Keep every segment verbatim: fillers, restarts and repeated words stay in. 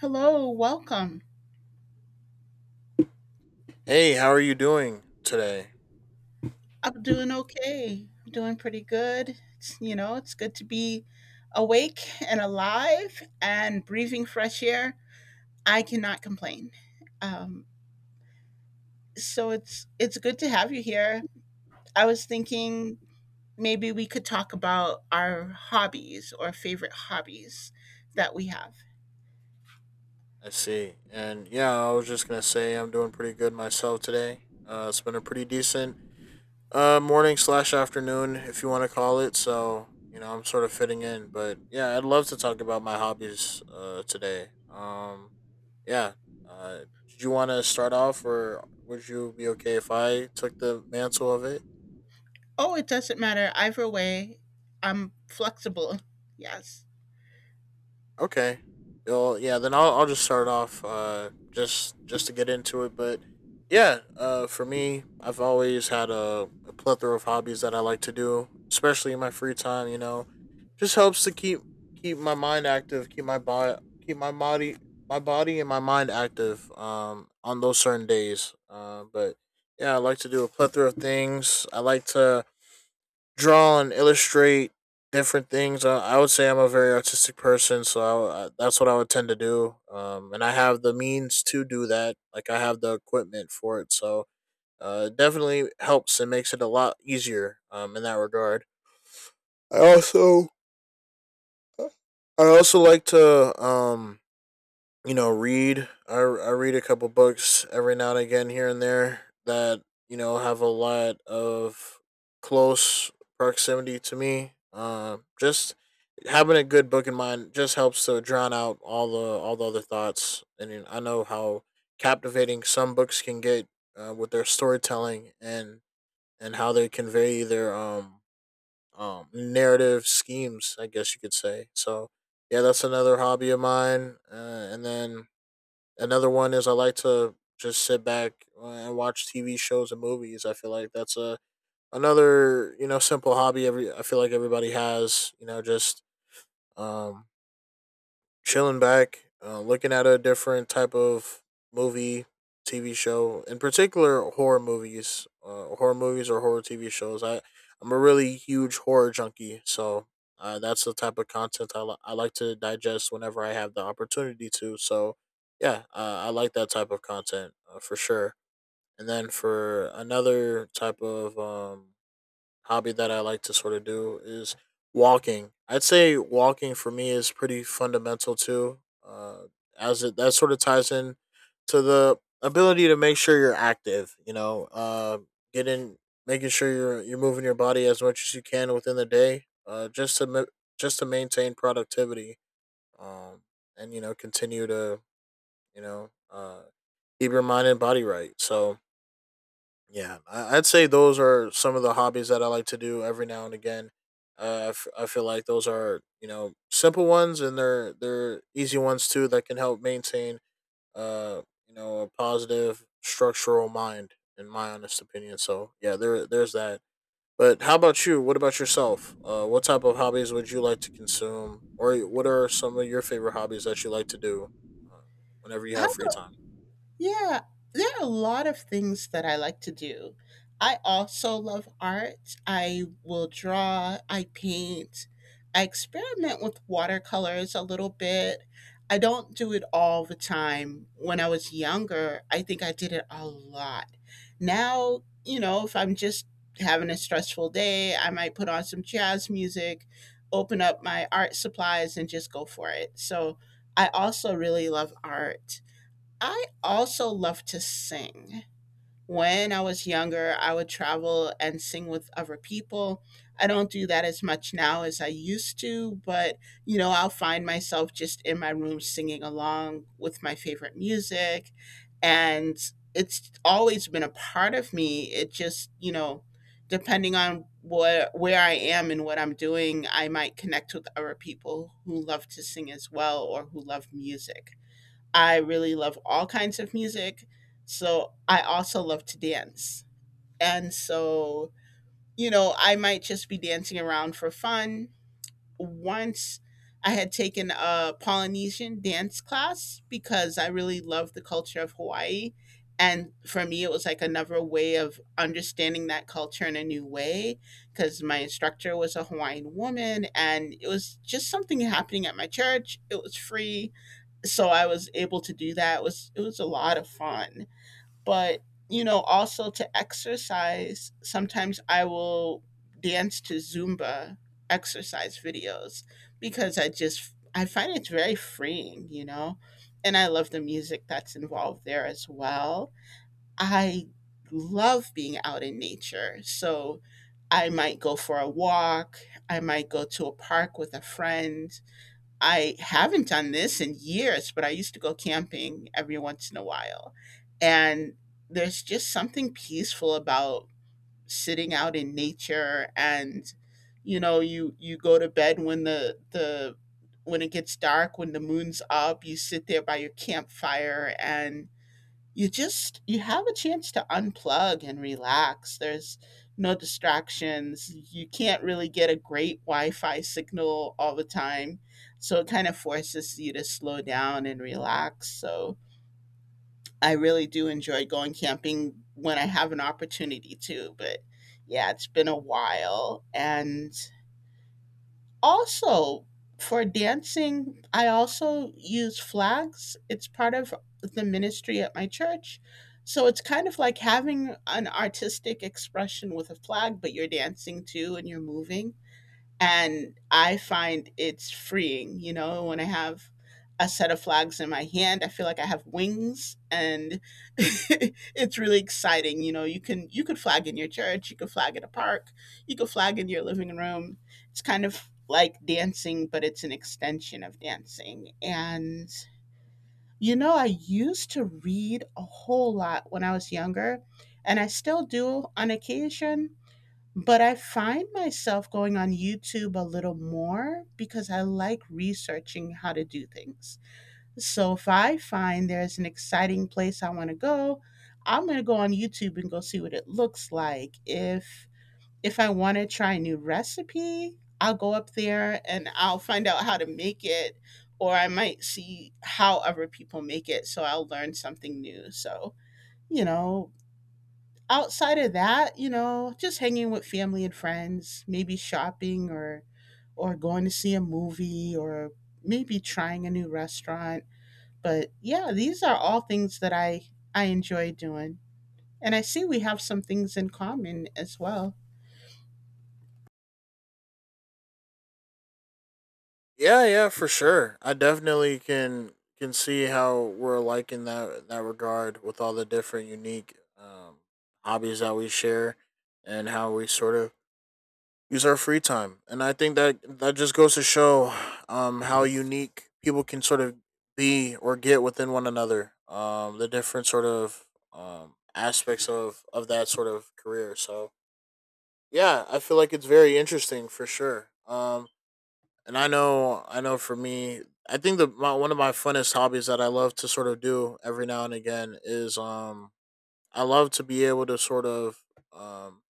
Hello, welcome. Hey, how are you doing today? I'm doing okay. I'm doing pretty good. It's, you know, it's good to be awake and alive and breathing fresh air. I cannot complain. Um, so it's it's good to have you here. I was thinking maybe we could talk about our hobbies or favorite hobbies that we have. I see. And yeah, I was just gonna say I'm doing pretty good myself today. Uh, it's been a pretty decent uh morning slash afternoon, if you want to call it. So you know, I'm sort of fitting in. But yeah, I'd love to talk about my hobbies uh today. Um, yeah. Uh, did you want to start off, or would you be okay if I took the mantle of it? Oh, it doesn't matter either way. I'm flexible. Yes. Okay. Well, yeah. Then I'll I'll just start off uh just just to get into it, but yeah. Uh, for me, I've always had a, a plethora of hobbies that I like to do, especially in my free time. You know, just helps to keep keep my mind active, keep my body, keep my body, my body and my mind active. Um, on those certain days. Uh, but yeah, I like to do a plethora of things. I like to draw and illustrate different things. I, I would say I'm a very artistic person, so I, I, that's what I would tend to do. Um, and I have the means to do that. Like I have the equipment for it, so uh, it definitely helps and makes it a lot easier. Um, in that regard, I also I also like to um you know, read. I I read a couple books every now and again here and there that, you know, have a lot of close proximity to me. Um just having a good book in mind just helps to drown out all the all the other thoughts. And then I know how captivating some books can get uh, with their storytelling and and how they convey their um um narrative schemes, I guess you could say. So, yeah, that's another hobby of mine. Uh, and then Another one is I like to just sit back uh, and watch T V shows and movies. I feel like that's a another you know simple hobby. Every I feel like everybody has you know just um chilling back, uh, looking at a different type of movie, T V show, in particular horror movies, uh, horror movies or horror T V shows. I I'm a really huge horror junkie, so uh, that's the type of content I, li- I like to digest whenever I have the opportunity to. So yeah, uh, I like that type of content, uh, for sure. And then for another type of um, hobby that I like to sort of do is walking. I'd say walking for me is pretty fundamental too, uh, as it that sort of ties in to the ability to make sure you're active. You know, uh, getting making sure you're you're moving your body as much as you can within the day, uh, just to ma- just to maintain productivity, um, and you know continue to you know uh, keep your mind and body right. So yeah, I- I'd say those are some of the hobbies that I like to do every now and again. Uh, I, f- I feel like those are you know simple ones and they're they're easy ones too that can help maintain uh you know a positive structural mind in my honest opinion. So yeah, there there's that. But how about you? What about yourself? Uh, what type of hobbies would you like to consume, or what are some of your favorite hobbies that you like to do, uh, whenever you have How free time? Yeah, there are a lot of things that I like to do. I also love art. I will draw, I paint, I experiment with watercolors a little bit. I don't do it all the time. When I was younger, I think I did it a lot. Now, you know, if I'm just having a stressful day, I might put on some jazz music, open up my art supplies, and just go for it. So I also really love art. I also love to sing. When I was younger, I would travel and sing with other people. I don't do that as much now as I used to, but you know, I'll find myself just in my room singing along with my favorite music. And it's always been a part of me. It just, you know, depending on what where I am and what I'm doing, I might connect with other people who love to sing as well or who love music. I really love all kinds of music. So I also love to dance. And so, you know, I might just be dancing around for fun. Once I had taken a Polynesian dance class because I really love the culture of Hawaii. And for me, it was like another way of understanding that culture in a new way because my instructor was a Hawaiian woman and it was just something happening at my church. It was free, so I was able to do that. It was it was a lot of fun. But you know, also to exercise, sometimes I will dance to Zumba exercise videos because I just I find it's very freeing, you know. And I love the music that's involved there as well. I love being out in nature. So I might go for a walk, I might go to a park with a friend. I haven't done this in years, but I used to go camping every once in a while. And there's just something peaceful about sitting out in nature. And you know, you you go to bed when the the when it gets dark, when the moon's up, you sit there by your campfire and you just you have a chance to unplug and relax. There's no distractions, you can't really get a great wi-fi signal all the time, so it kind of forces you to slow down and relax. So I really do enjoy going camping when I have an opportunity to, but yeah, it's been a while. And also, for dancing, I also use flags. It's part of the ministry at my church. So it's kind of like having an artistic expression with a flag, but you're dancing too and you're moving, and I find it's freeing. You know, when I have a set of flags in my hand, I feel like I have wings, and it's really exciting. You know, you can you could flag in your church, you could flag at a park, you could flag in your living room. It's kind of like dancing, but it's an extension of dancing. And you know, I used to read a whole lot when I was younger, and I still do on occasion, but I find myself going on YouTube a little more because I like researching how to do things. So if I find there's an exciting place I want to go, I'm going to go on YouTube and go see what it looks like. If if I want to try a new recipe, I'll go up there and I'll find out how to make it, or I might see how other people make it so I'll learn something new. So, you know, outside of that, you know, just hanging with family and friends, maybe shopping, or or going to see a movie, or maybe trying a new restaurant. But yeah, these are all things that I I enjoy doing. And I see we have some things in common as well. Yeah, yeah, for sure. I definitely can can see how we're alike in that in that regard with all the different unique, um, hobbies that we share and how we sort of use our free time. And I think that that just goes to show um, how unique people can sort of be or get within one another. Um, the different sort of um, aspects of of that sort of career. So yeah, I feel like it's very interesting for sure. Um, and I know, I know. For me, I think the my, one of my funnest hobbies that I love to sort of do every now and again is um I love to be able to sort of um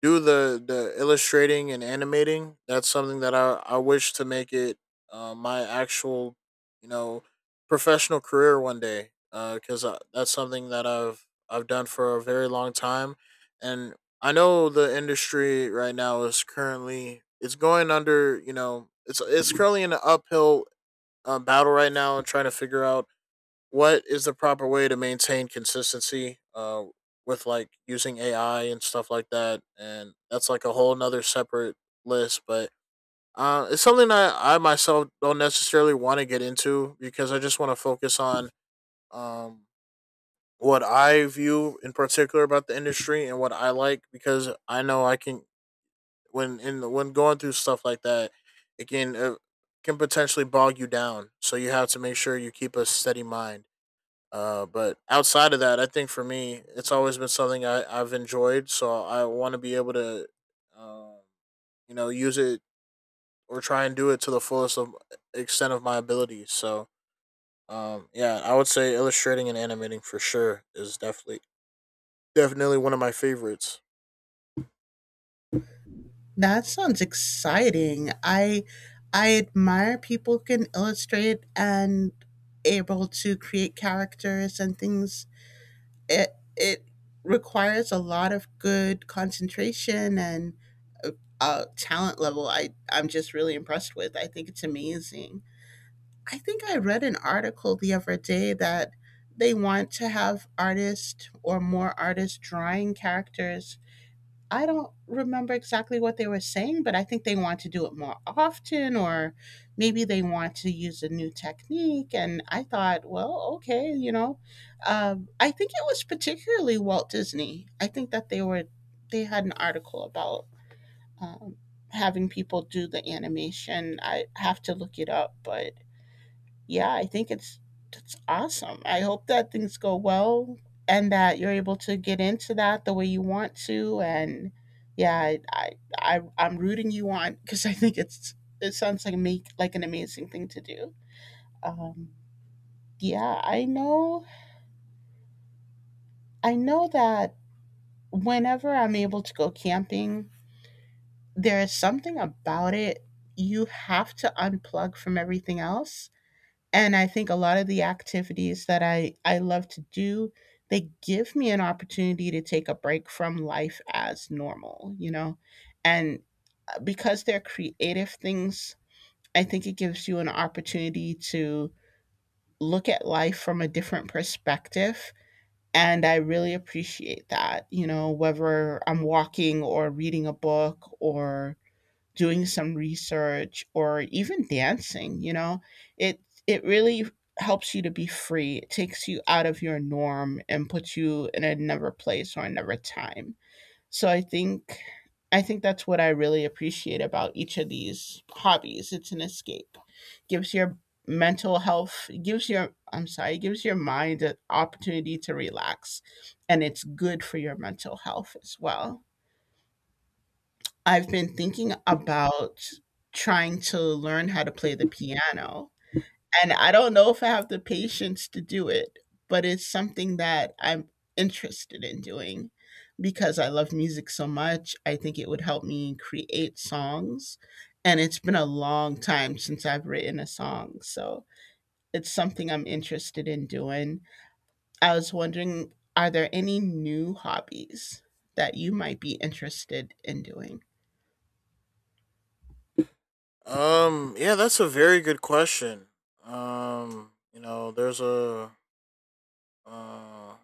do the the illustrating and animating. That's something that I I wish to make it uh, my actual you know professional career one day. Because uh, that's something that I've I've done for a very long time, and I know the industry right now is currently it's going under you know it's it's currently in an uphill uh, battle right now and trying to figure out what is the proper way to maintain consistency, uh, with like using A I and stuff like that. And that's like a whole nother separate list, but uh, it's something that I myself don't necessarily want to get into because I just want to focus on um, what I view in particular about the industry and what I like because I know I can when in the, when going through stuff like that, it can uh, can potentially bog you down. So you have to make sure you keep a steady mind, uh, but outside of that, I think for me, it's always been something I, I've enjoyed. So I want to be able to, um, you know, use it or try and do it to the fullest of extent of my abilities. So, um, yeah, I would say illustrating and animating for sure is definitely definitely one of my favorites. That sounds exciting. I I admire people who can illustrate and able to create characters and things. It it requires a lot of good concentration and uh, talent level. I I'm just really impressed with. I think it's amazing. I think I read an article the other day that they want to have artists or more artists drawing characters. I don't remember exactly what they were saying, but I think they want to do it more often, or maybe they want to use a new technique. And I thought, well, okay, you know, um, I think it was particularly Walt Disney. I think that they were they had an article about um, having people do the animation. I have to look it up, but yeah, I think it's it's awesome. I hope that things go well and that you're able to get into that the way you want to. And yeah, I, I, I I'm rooting you on because I think it's it sounds like make like an amazing thing to do. Um, yeah, I know. I know that whenever I'm able to go camping, there is something about it. You have to unplug from everything else. And I think a lot of the activities that I I love to do, they give me an opportunity to take a break from life as normal, you know? And uh, because they're creative things, I think it gives you an opportunity to look at life from a different perspective. And I really appreciate that, you know, whether I'm walking or reading a book or doing some research or even dancing, you know? It it really helps you to be free. It takes you out of your norm and puts you in another place or another time. So I think I think that's what I really appreciate about each of these hobbies. It's an escape. Gives your mental health, gives your, I'm sorry, gives your mind an opportunity to relax, and it's good for your mental health as well. I've been thinking about trying to learn how to play the piano, and I don't know if I have the patience to do it, but it's something that I'm interested in doing because I love music so much. I think it would help me create songs, and it's been a long time since I've written a song, so it's something I'm interested in doing. I was wondering, are there any new hobbies that you might be interested in doing? Um, yeah, that's a very good question. Um, you know, there's a uh,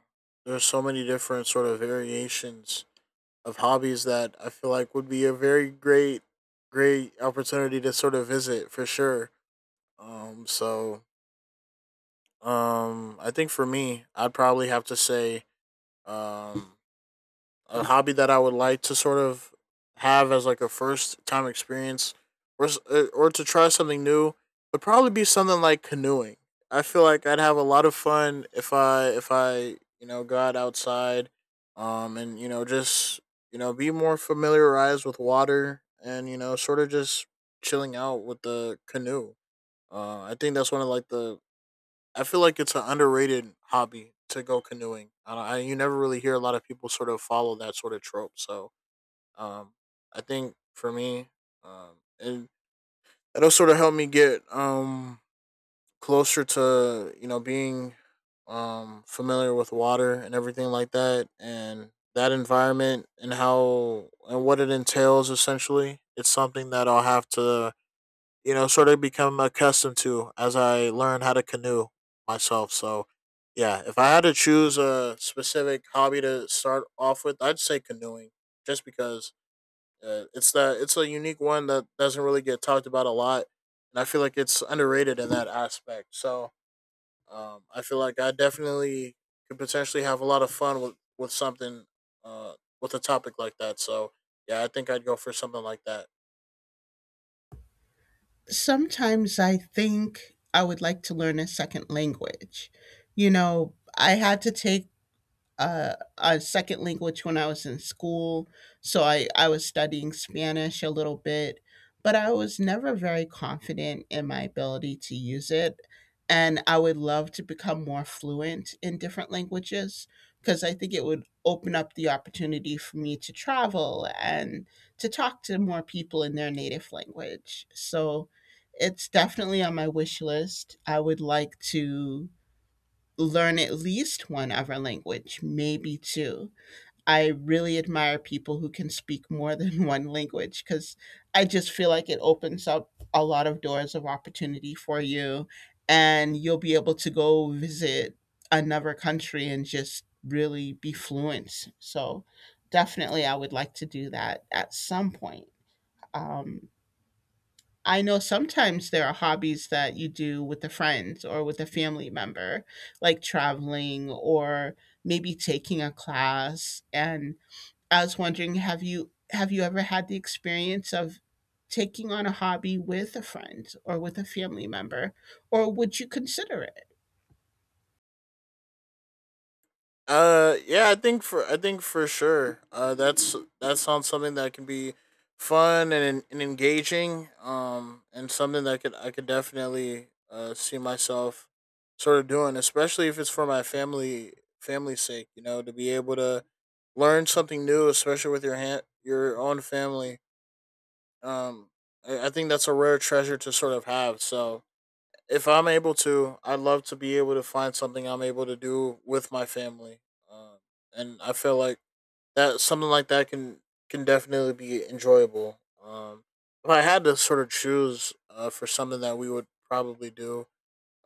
there's so many different sort of variations of hobbies that I feel like would be a very great, great opportunity to sort of visit for sure. Um, so um, I think for me, I'd probably have to say um, a hobby that I would like to sort of have as like a first time experience or uh, or to try something new would probably be something like canoeing. I feel like I'd have a lot of fun if I if I, you know, got outside um and you know just you know be more familiarized with water and you know sort of just chilling out with the canoe. Uh I think that's one of like the I feel like it's an underrated hobby to go canoeing. I, don't- I you never really hear a lot of people sort of follow that sort of trope. So um, I think for me, um, and it'll sort of help me get um closer to you know being um familiar with water and everything like that, and that environment and how and what it entails. Essentially, it's something that I'll have to you know, sort of become accustomed to as I learn how to canoe myself. So, yeah, if I had to choose a specific hobby to start off with, I'd say canoeing, just because uh, it's that it's a unique one that doesn't really get talked about a lot, and I feel like it's underrated in that aspect. So, um, I feel like I definitely could potentially have a lot of fun with with something, uh, with a topic like that. So, yeah, I think I'd go for something like that. Sometimes I think I would like to learn a second language. You know, I had to take uh, a second language when I was in school. So I, I was studying Spanish a little bit, but I was never very confident in my ability to use it. And I would love to become more fluent in different languages because I think it would open up the opportunity for me to travel and to talk to more people in their native language. So it's definitely on my wish list. I would like to learn at least one other language, maybe two. I really admire people who can speak more than one language because I just feel like it opens up a lot of doors of opportunity for you. And you'll be able to go visit another country and just really be fluent. So, definitely, I would like to do that at some point. Um, I know sometimes there are hobbies that you do with a friend or with a family member, like traveling or maybe taking a class. And I was wondering, have you have you ever had the experience of taking on a hobby with a friend or with a family member, or would you consider it? Uh, yeah, I think for I think for sure. Uh, that's that sounds something that can be fun and and engaging. Um, and something that could I could definitely uh see myself sort of doing, especially if it's for my family family's sake. You know, to be able to learn something new, especially with your hand your own family. Um, I, I think that's a rare treasure to sort of have. So, if I'm able to, I'd love to be able to find something I'm able to do with my family, um, and I feel like that something like that can can definitely be enjoyable. Um, if I had to sort of choose, uh, for something that we would probably do,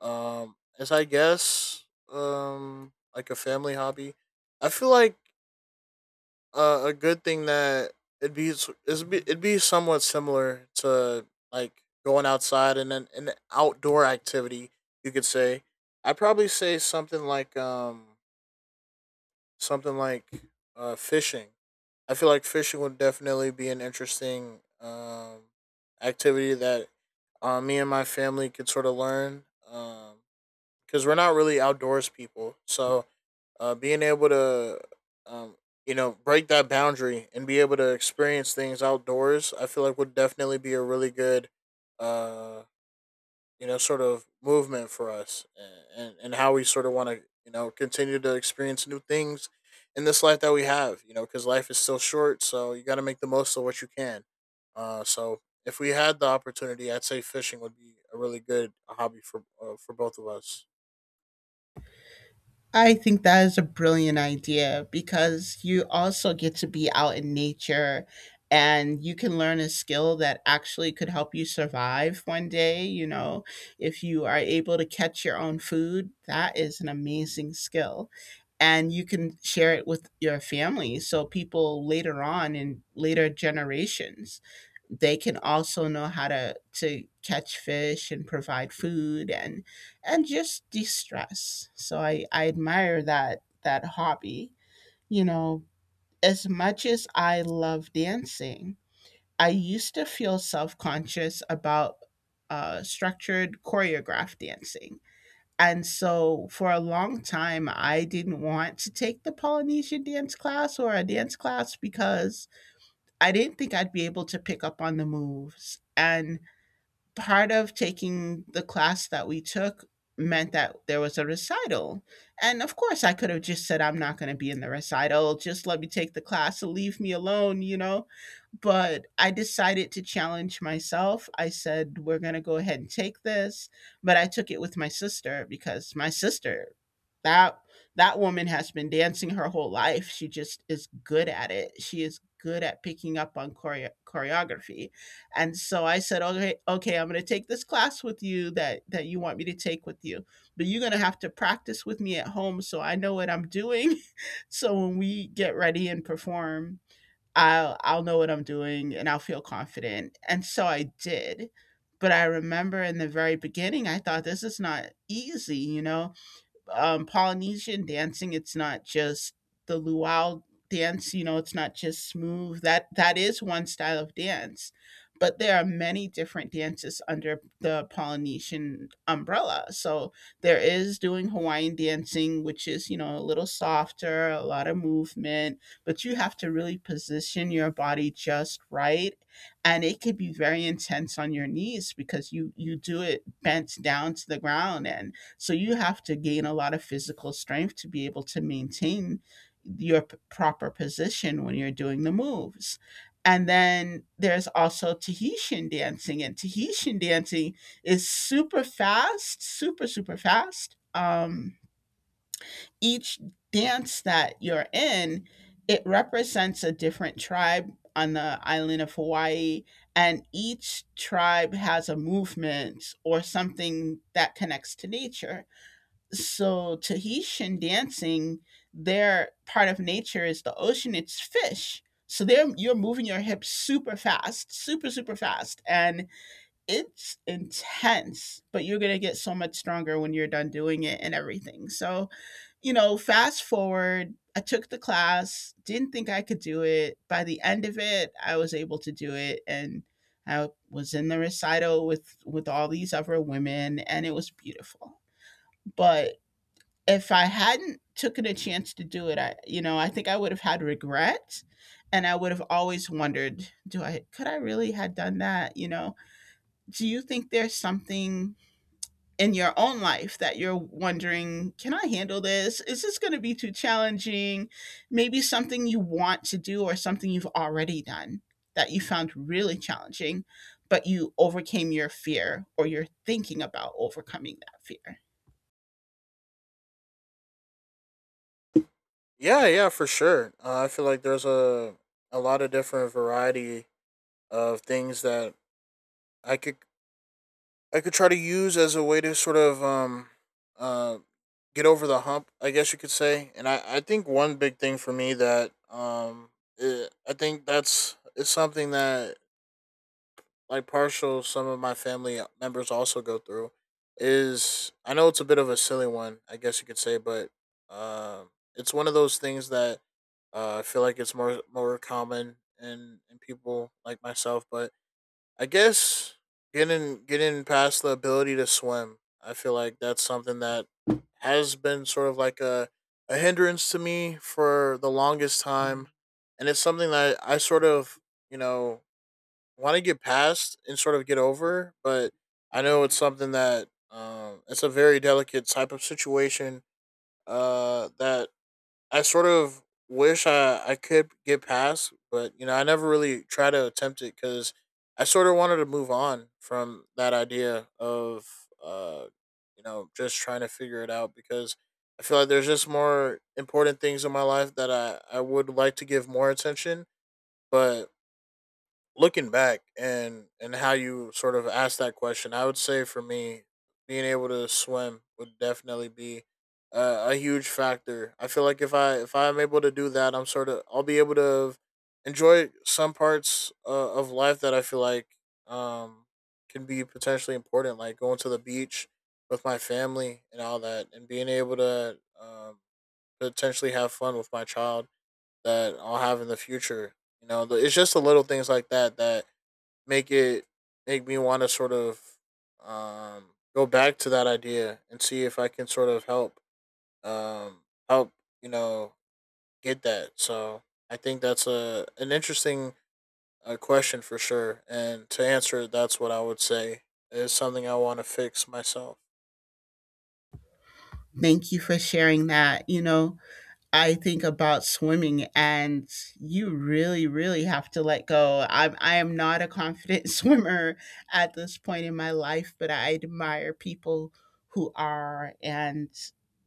um, is I guess um, like a family hobby. I feel like uh, a good thing that it'd be s- it'd be it'd be somewhat similar to like going outside and an, an outdoor activity. You could say I'd probably say something like um something like uh fishing. I feel like fishing would definitely be an interesting um activity that, uh, me and my family could sort of learn. Um, because we're not really outdoors people. So, uh, being able to, um, you know, break that boundary and be able to experience things outdoors, I feel like would definitely be a really good, uh, you know, sort of movement for us and, and, and how we sort of want to, you know, continue to experience new things in this life that we have, you know, because life is still short. So, you got to make the most of what you can. Uh, so, if we had the opportunity, I'd say fishing would be a really good hobby for uh, for both of us. I think that is a brilliant idea because you also get to be out in nature, and you can learn a skill that actually could help you survive one day. You know, if you are able to catch your own food, that is an amazing skill, and you can share it with your family, so people later on in later generations, they can also know how to to catch fish and provide food and and just de-stress. So i i admire that that hobby. You know, as much as I love dancing, I used to feel self-conscious about uh, structured choreographed dancing. And so for a long time, I didn't want to take the Polynesian dance class or a dance class because I didn't think I'd be able to pick up on the moves. And part of taking the class that we took meant that there was a recital. And of course, I could have just said, I'm not going to be in the recital. Just let me take the class and leave me alone, you know? But I decided to challenge myself. I said, we're going to go ahead and take this. But I took it with my sister because my sister, that that woman has been dancing her whole life. She just is good at it. She is good at picking up on choreo- choreography. And so I said, okay, okay, I'm going to take this class with you that that you want me to take with you, but you're going to have to practice with me at home so I know what I'm doing. So when we get ready and perform, I'll I'll know what I'm doing and I'll feel confident. And so I did. But I remember in the very beginning, I thought this is not easy, you know um, Polynesian dancing, it's not just the luau dance. You know, it's not just smooth. That that is one style of dance, but there are many different dances under the Polynesian umbrella. So there is doing Hawaiian dancing, which is you know a little softer, a lot of movement, but you have to really position your body just right, and it could be very intense on your knees because you you do it bent down to the ground. And so you have to gain a lot of physical strength to be able to maintain your p- proper position when you're doing the moves. And then there's also Tahitian dancing, and Tahitian dancing is super fast, super, super fast. Um, each dance that you're in, it represents a different tribe on the island of Hawaii, and each tribe has a movement or something that connects to nature. So Tahitian dancing, their part of nature is the ocean. It's fish. So there you're moving your hips super fast, super super fast, and it's intense. But you're gonna get so much stronger when you're done doing it and everything. So you know, fast forward. I took the class, didn't think I could do it. By the end of it, I was able to do it, and I was in the recital with with all these other women, and it was beautiful. But if I hadn't taken a chance to do it, I you know, I think I would have had regret and I would have always wondered, do I could I really had done that, you know? Do you think there's something in your own life that you're wondering, can I handle this? Is this going to be too challenging? Maybe something you want to do or something you've already done that you found really challenging, but you overcame your fear or you're thinking about overcoming that fear. Yeah, yeah, for sure. Uh, I feel like there's a a lot of different variety of things that I could I could try to use as a way to sort of um uh get over the hump, I guess you could say. And I I think one big thing for me that um eh, I think that's it's something that like partial some of my family members also go through is I know it's a bit of a silly one, I guess you could say, but um, it's one of those things that uh, I feel like it's more more common in in people like myself. But I guess getting getting past the ability to swim, I feel like that's something that has been sort of like a a hindrance to me for the longest time, and it's something that I sort of, you know, want to get past and sort of get over, but I know it's something that um, it's a very delicate type of situation uh, that I sort of wish I, I could get past, but you know I never really try to attempt it because I sort of wanted to move on from that idea of uh, you know, just trying to figure it out because I feel like there's just more important things in my life that I, I would like to give more attention, but looking back and and how you sort of asked that question, I would say for me, being able to swim would definitely be uh, a huge factor. I feel like if I, if I'm able to do that, I'm sort of I'll be able to enjoy some parts uh, of life that I feel like um can be potentially important, like going to the beach with my family and all that, and being able to um, potentially have fun with my child that I'll have in the future. You know, the- it's just the little things like that that make it make me want to sort of um, go back to that idea and see if I can sort of help, um, help you know, get that. So I think that's a an interesting uh, question for sure. And to answer it, that's what I would say is something I want to fix myself. Thank you for sharing that. You know, I think about swimming and you really, really have to let go. I'm I am not a confident swimmer at this point in my life, but I admire people who are. And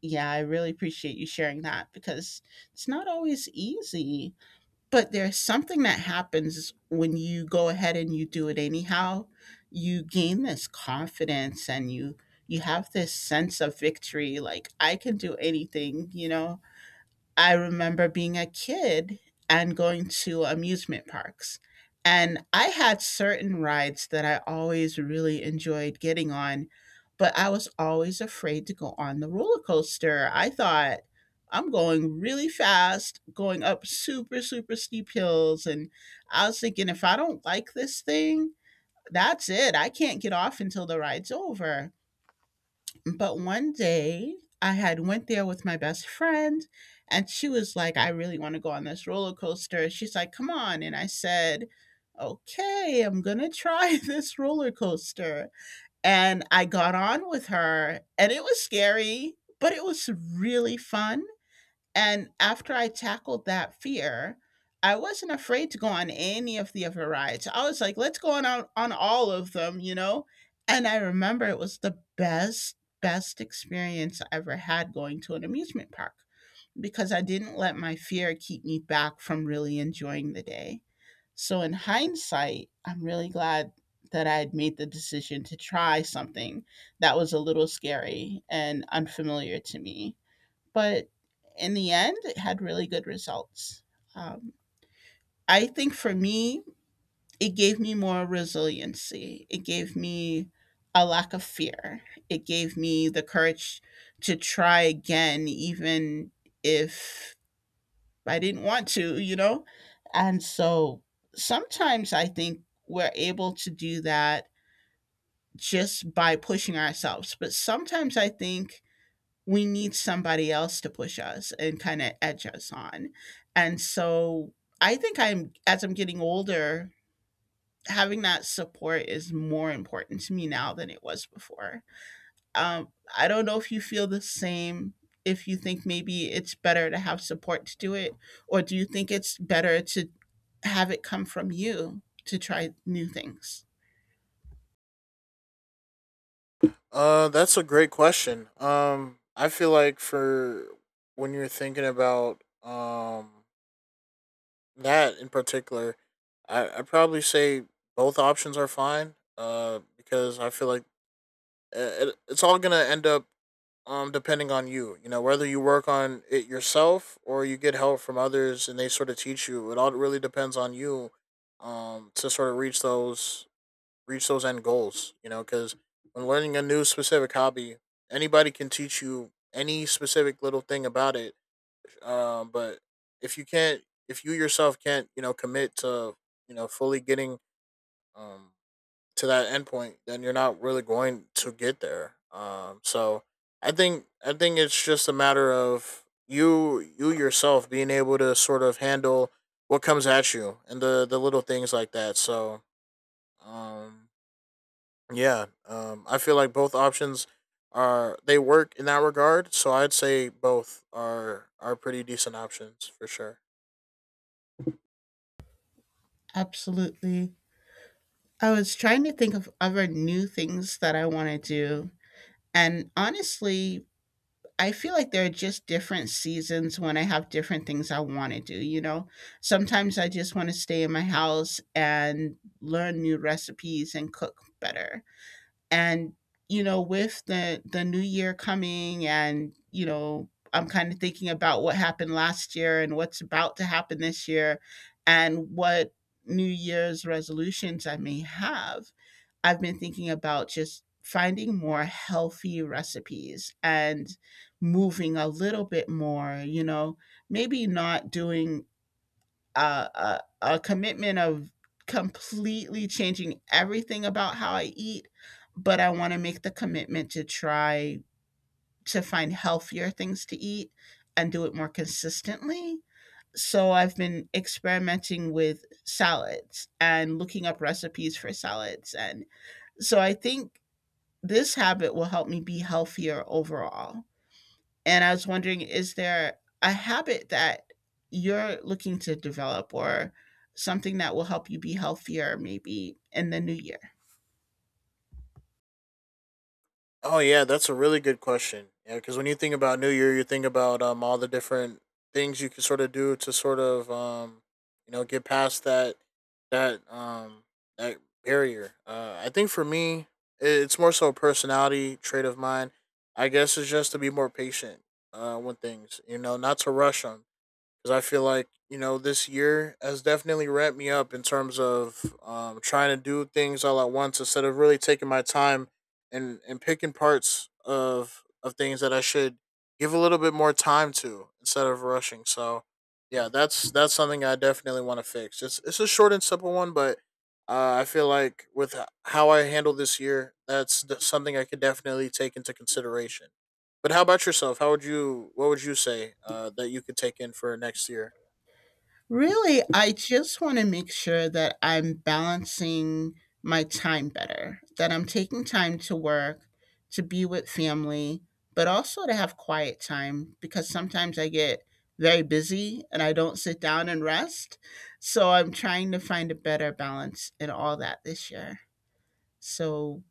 yeah, I really appreciate you sharing that because it's not always easy. But there's something that happens when you go ahead and you do it anyhow. You gain this confidence and you you have this sense of victory like I can do anything, you know, I remember being a kid and going to amusement parks. And I had certain rides that I always really enjoyed getting on, but I was always afraid to go on the roller coaster. I thought I'm going really fast, going up super, super steep hills. And I was thinking, if I don't like this thing, that's it. I can't get off until the ride's over. But one day I had went there with my best friend and she was like, I really want to go on this roller coaster. She's like, come on. And I said, okay, I'm going to try this roller coaster. And I got on with her and it was scary, but it was really fun. And after I tackled that fear, I wasn't afraid to go on any of the other rides. I was like, let's go on on, on all of them, you know? And I remember it was the best, best experience I ever had going to an amusement park because I didn't let my fear keep me back from really enjoying the day. So, in hindsight, I'm really glad that I had made the decision to try something that was a little scary and unfamiliar to me, but in the end, it had really good results. Um, I think for me, it gave me more resiliency. It gave me a lack of fear. It gave me the courage to try again, even if I didn't want to, you know? And so sometimes I think we're able to do that just by pushing ourselves. But sometimes I think we need somebody else to push us and kind of edge us on. And so I think I'm, as I'm getting older, having that support is more important to me now than it was before. Um, I don't know if you feel the same, if you think maybe it's better to have support to do it, or do you think it's better to have it come from you to try new things? Uh, that's a great question. Um, I feel like for when you're thinking about um that in particular, I I probably say both options are fine. Uh, because I feel like uh, it, it's all gonna end up um depending on you. You know, whether you work on it yourself or you get help from others and they sort of teach you. It all really depends on you. Um, to sort of reach those reach those end goals. You know, because when learning a new specific hobby, anybody can teach you any specific little thing about it, um, but if you can't, if you yourself can't, you know, commit to, you know, fully getting um to that endpoint, then you're not really going to get there. Um, so I think I think it's just a matter of you you yourself being able to sort of handle what comes at you and the the little things like that. So, um, yeah, um, I feel like both options are they work in that regard. So I'd say both are are pretty decent options for sure. Absolutely. I was trying to think of other new things that I want to do. And honestly, I feel like there are just different seasons when I have different things I want to do, you know? Sometimes I just want to stay in my house and learn new recipes and cook better, and you know, with the the new year coming, and you know, I'm kind of thinking about what happened last year and what's about to happen this year, and what new year's resolutions I may have. I've been thinking about just finding more healthy recipes and moving a little bit more, you know, maybe not doing uh, a, a commitment of completely changing everything about how I eat, but I want to make the commitment to try to find healthier things to eat and do it more consistently. So I've been experimenting with salads and looking up recipes for salads. And so I think this habit will help me be healthier overall. And I was wondering, is there a habit that you're looking to develop, or something that will help you be healthier maybe in the new year? Oh yeah, that's a really good question. Yeah, because when you think about New Year, you think about um all the different things you can sort of do to sort of um you know, get past that that um that barrier. Uh, I think for me, i- it's more so a personality trait of mine. I guess it's just to be more patient uh, with things. You know, not to rush 'em because I feel like, you know, this year has definitely ramped me up in terms of um, trying to do things all at once instead of really taking my time and and picking parts of of things that I should give a little bit more time to instead of rushing. So yeah, that's that's something I definitely want to fix. It's it's a short and simple one, but uh, I feel like with h- how I handled this year, that's d- something I could definitely take into consideration. But how about yourself? How would you? What would you say uh, that you could take in for next year? Really, I just want to make sure that I'm balancing my time better, that I'm taking time to work, to be with family, but also to have quiet time because sometimes I get very busy and I don't sit down and rest. So I'm trying to find a better balance in all that this year. So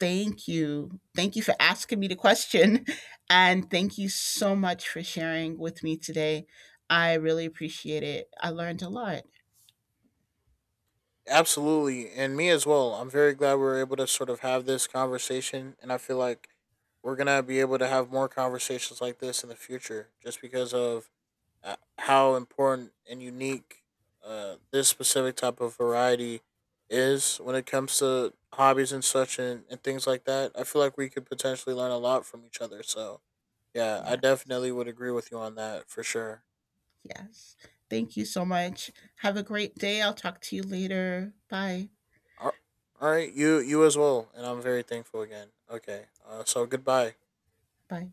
thank you. Thank you for asking me the question. And thank you so much for sharing with me today. I really appreciate it. I learned a lot. Absolutely, and me as well. I'm very glad we were able to sort of have this conversation, and I feel like we're gonna be able to have more conversations like this in the future, just because of uh, how important and unique uh, this specific type of variety is when it comes to hobbies and such and, and things like that. I feel like we could potentially learn a lot from each other. So, yeah, I Yeah. definitely would agree with you on that for sure. Yes. Thank you so much. Have a great day. I'll talk to you later. Bye. All right, you you as well, and I'm very thankful again. Okay, uh, so goodbye. Bye.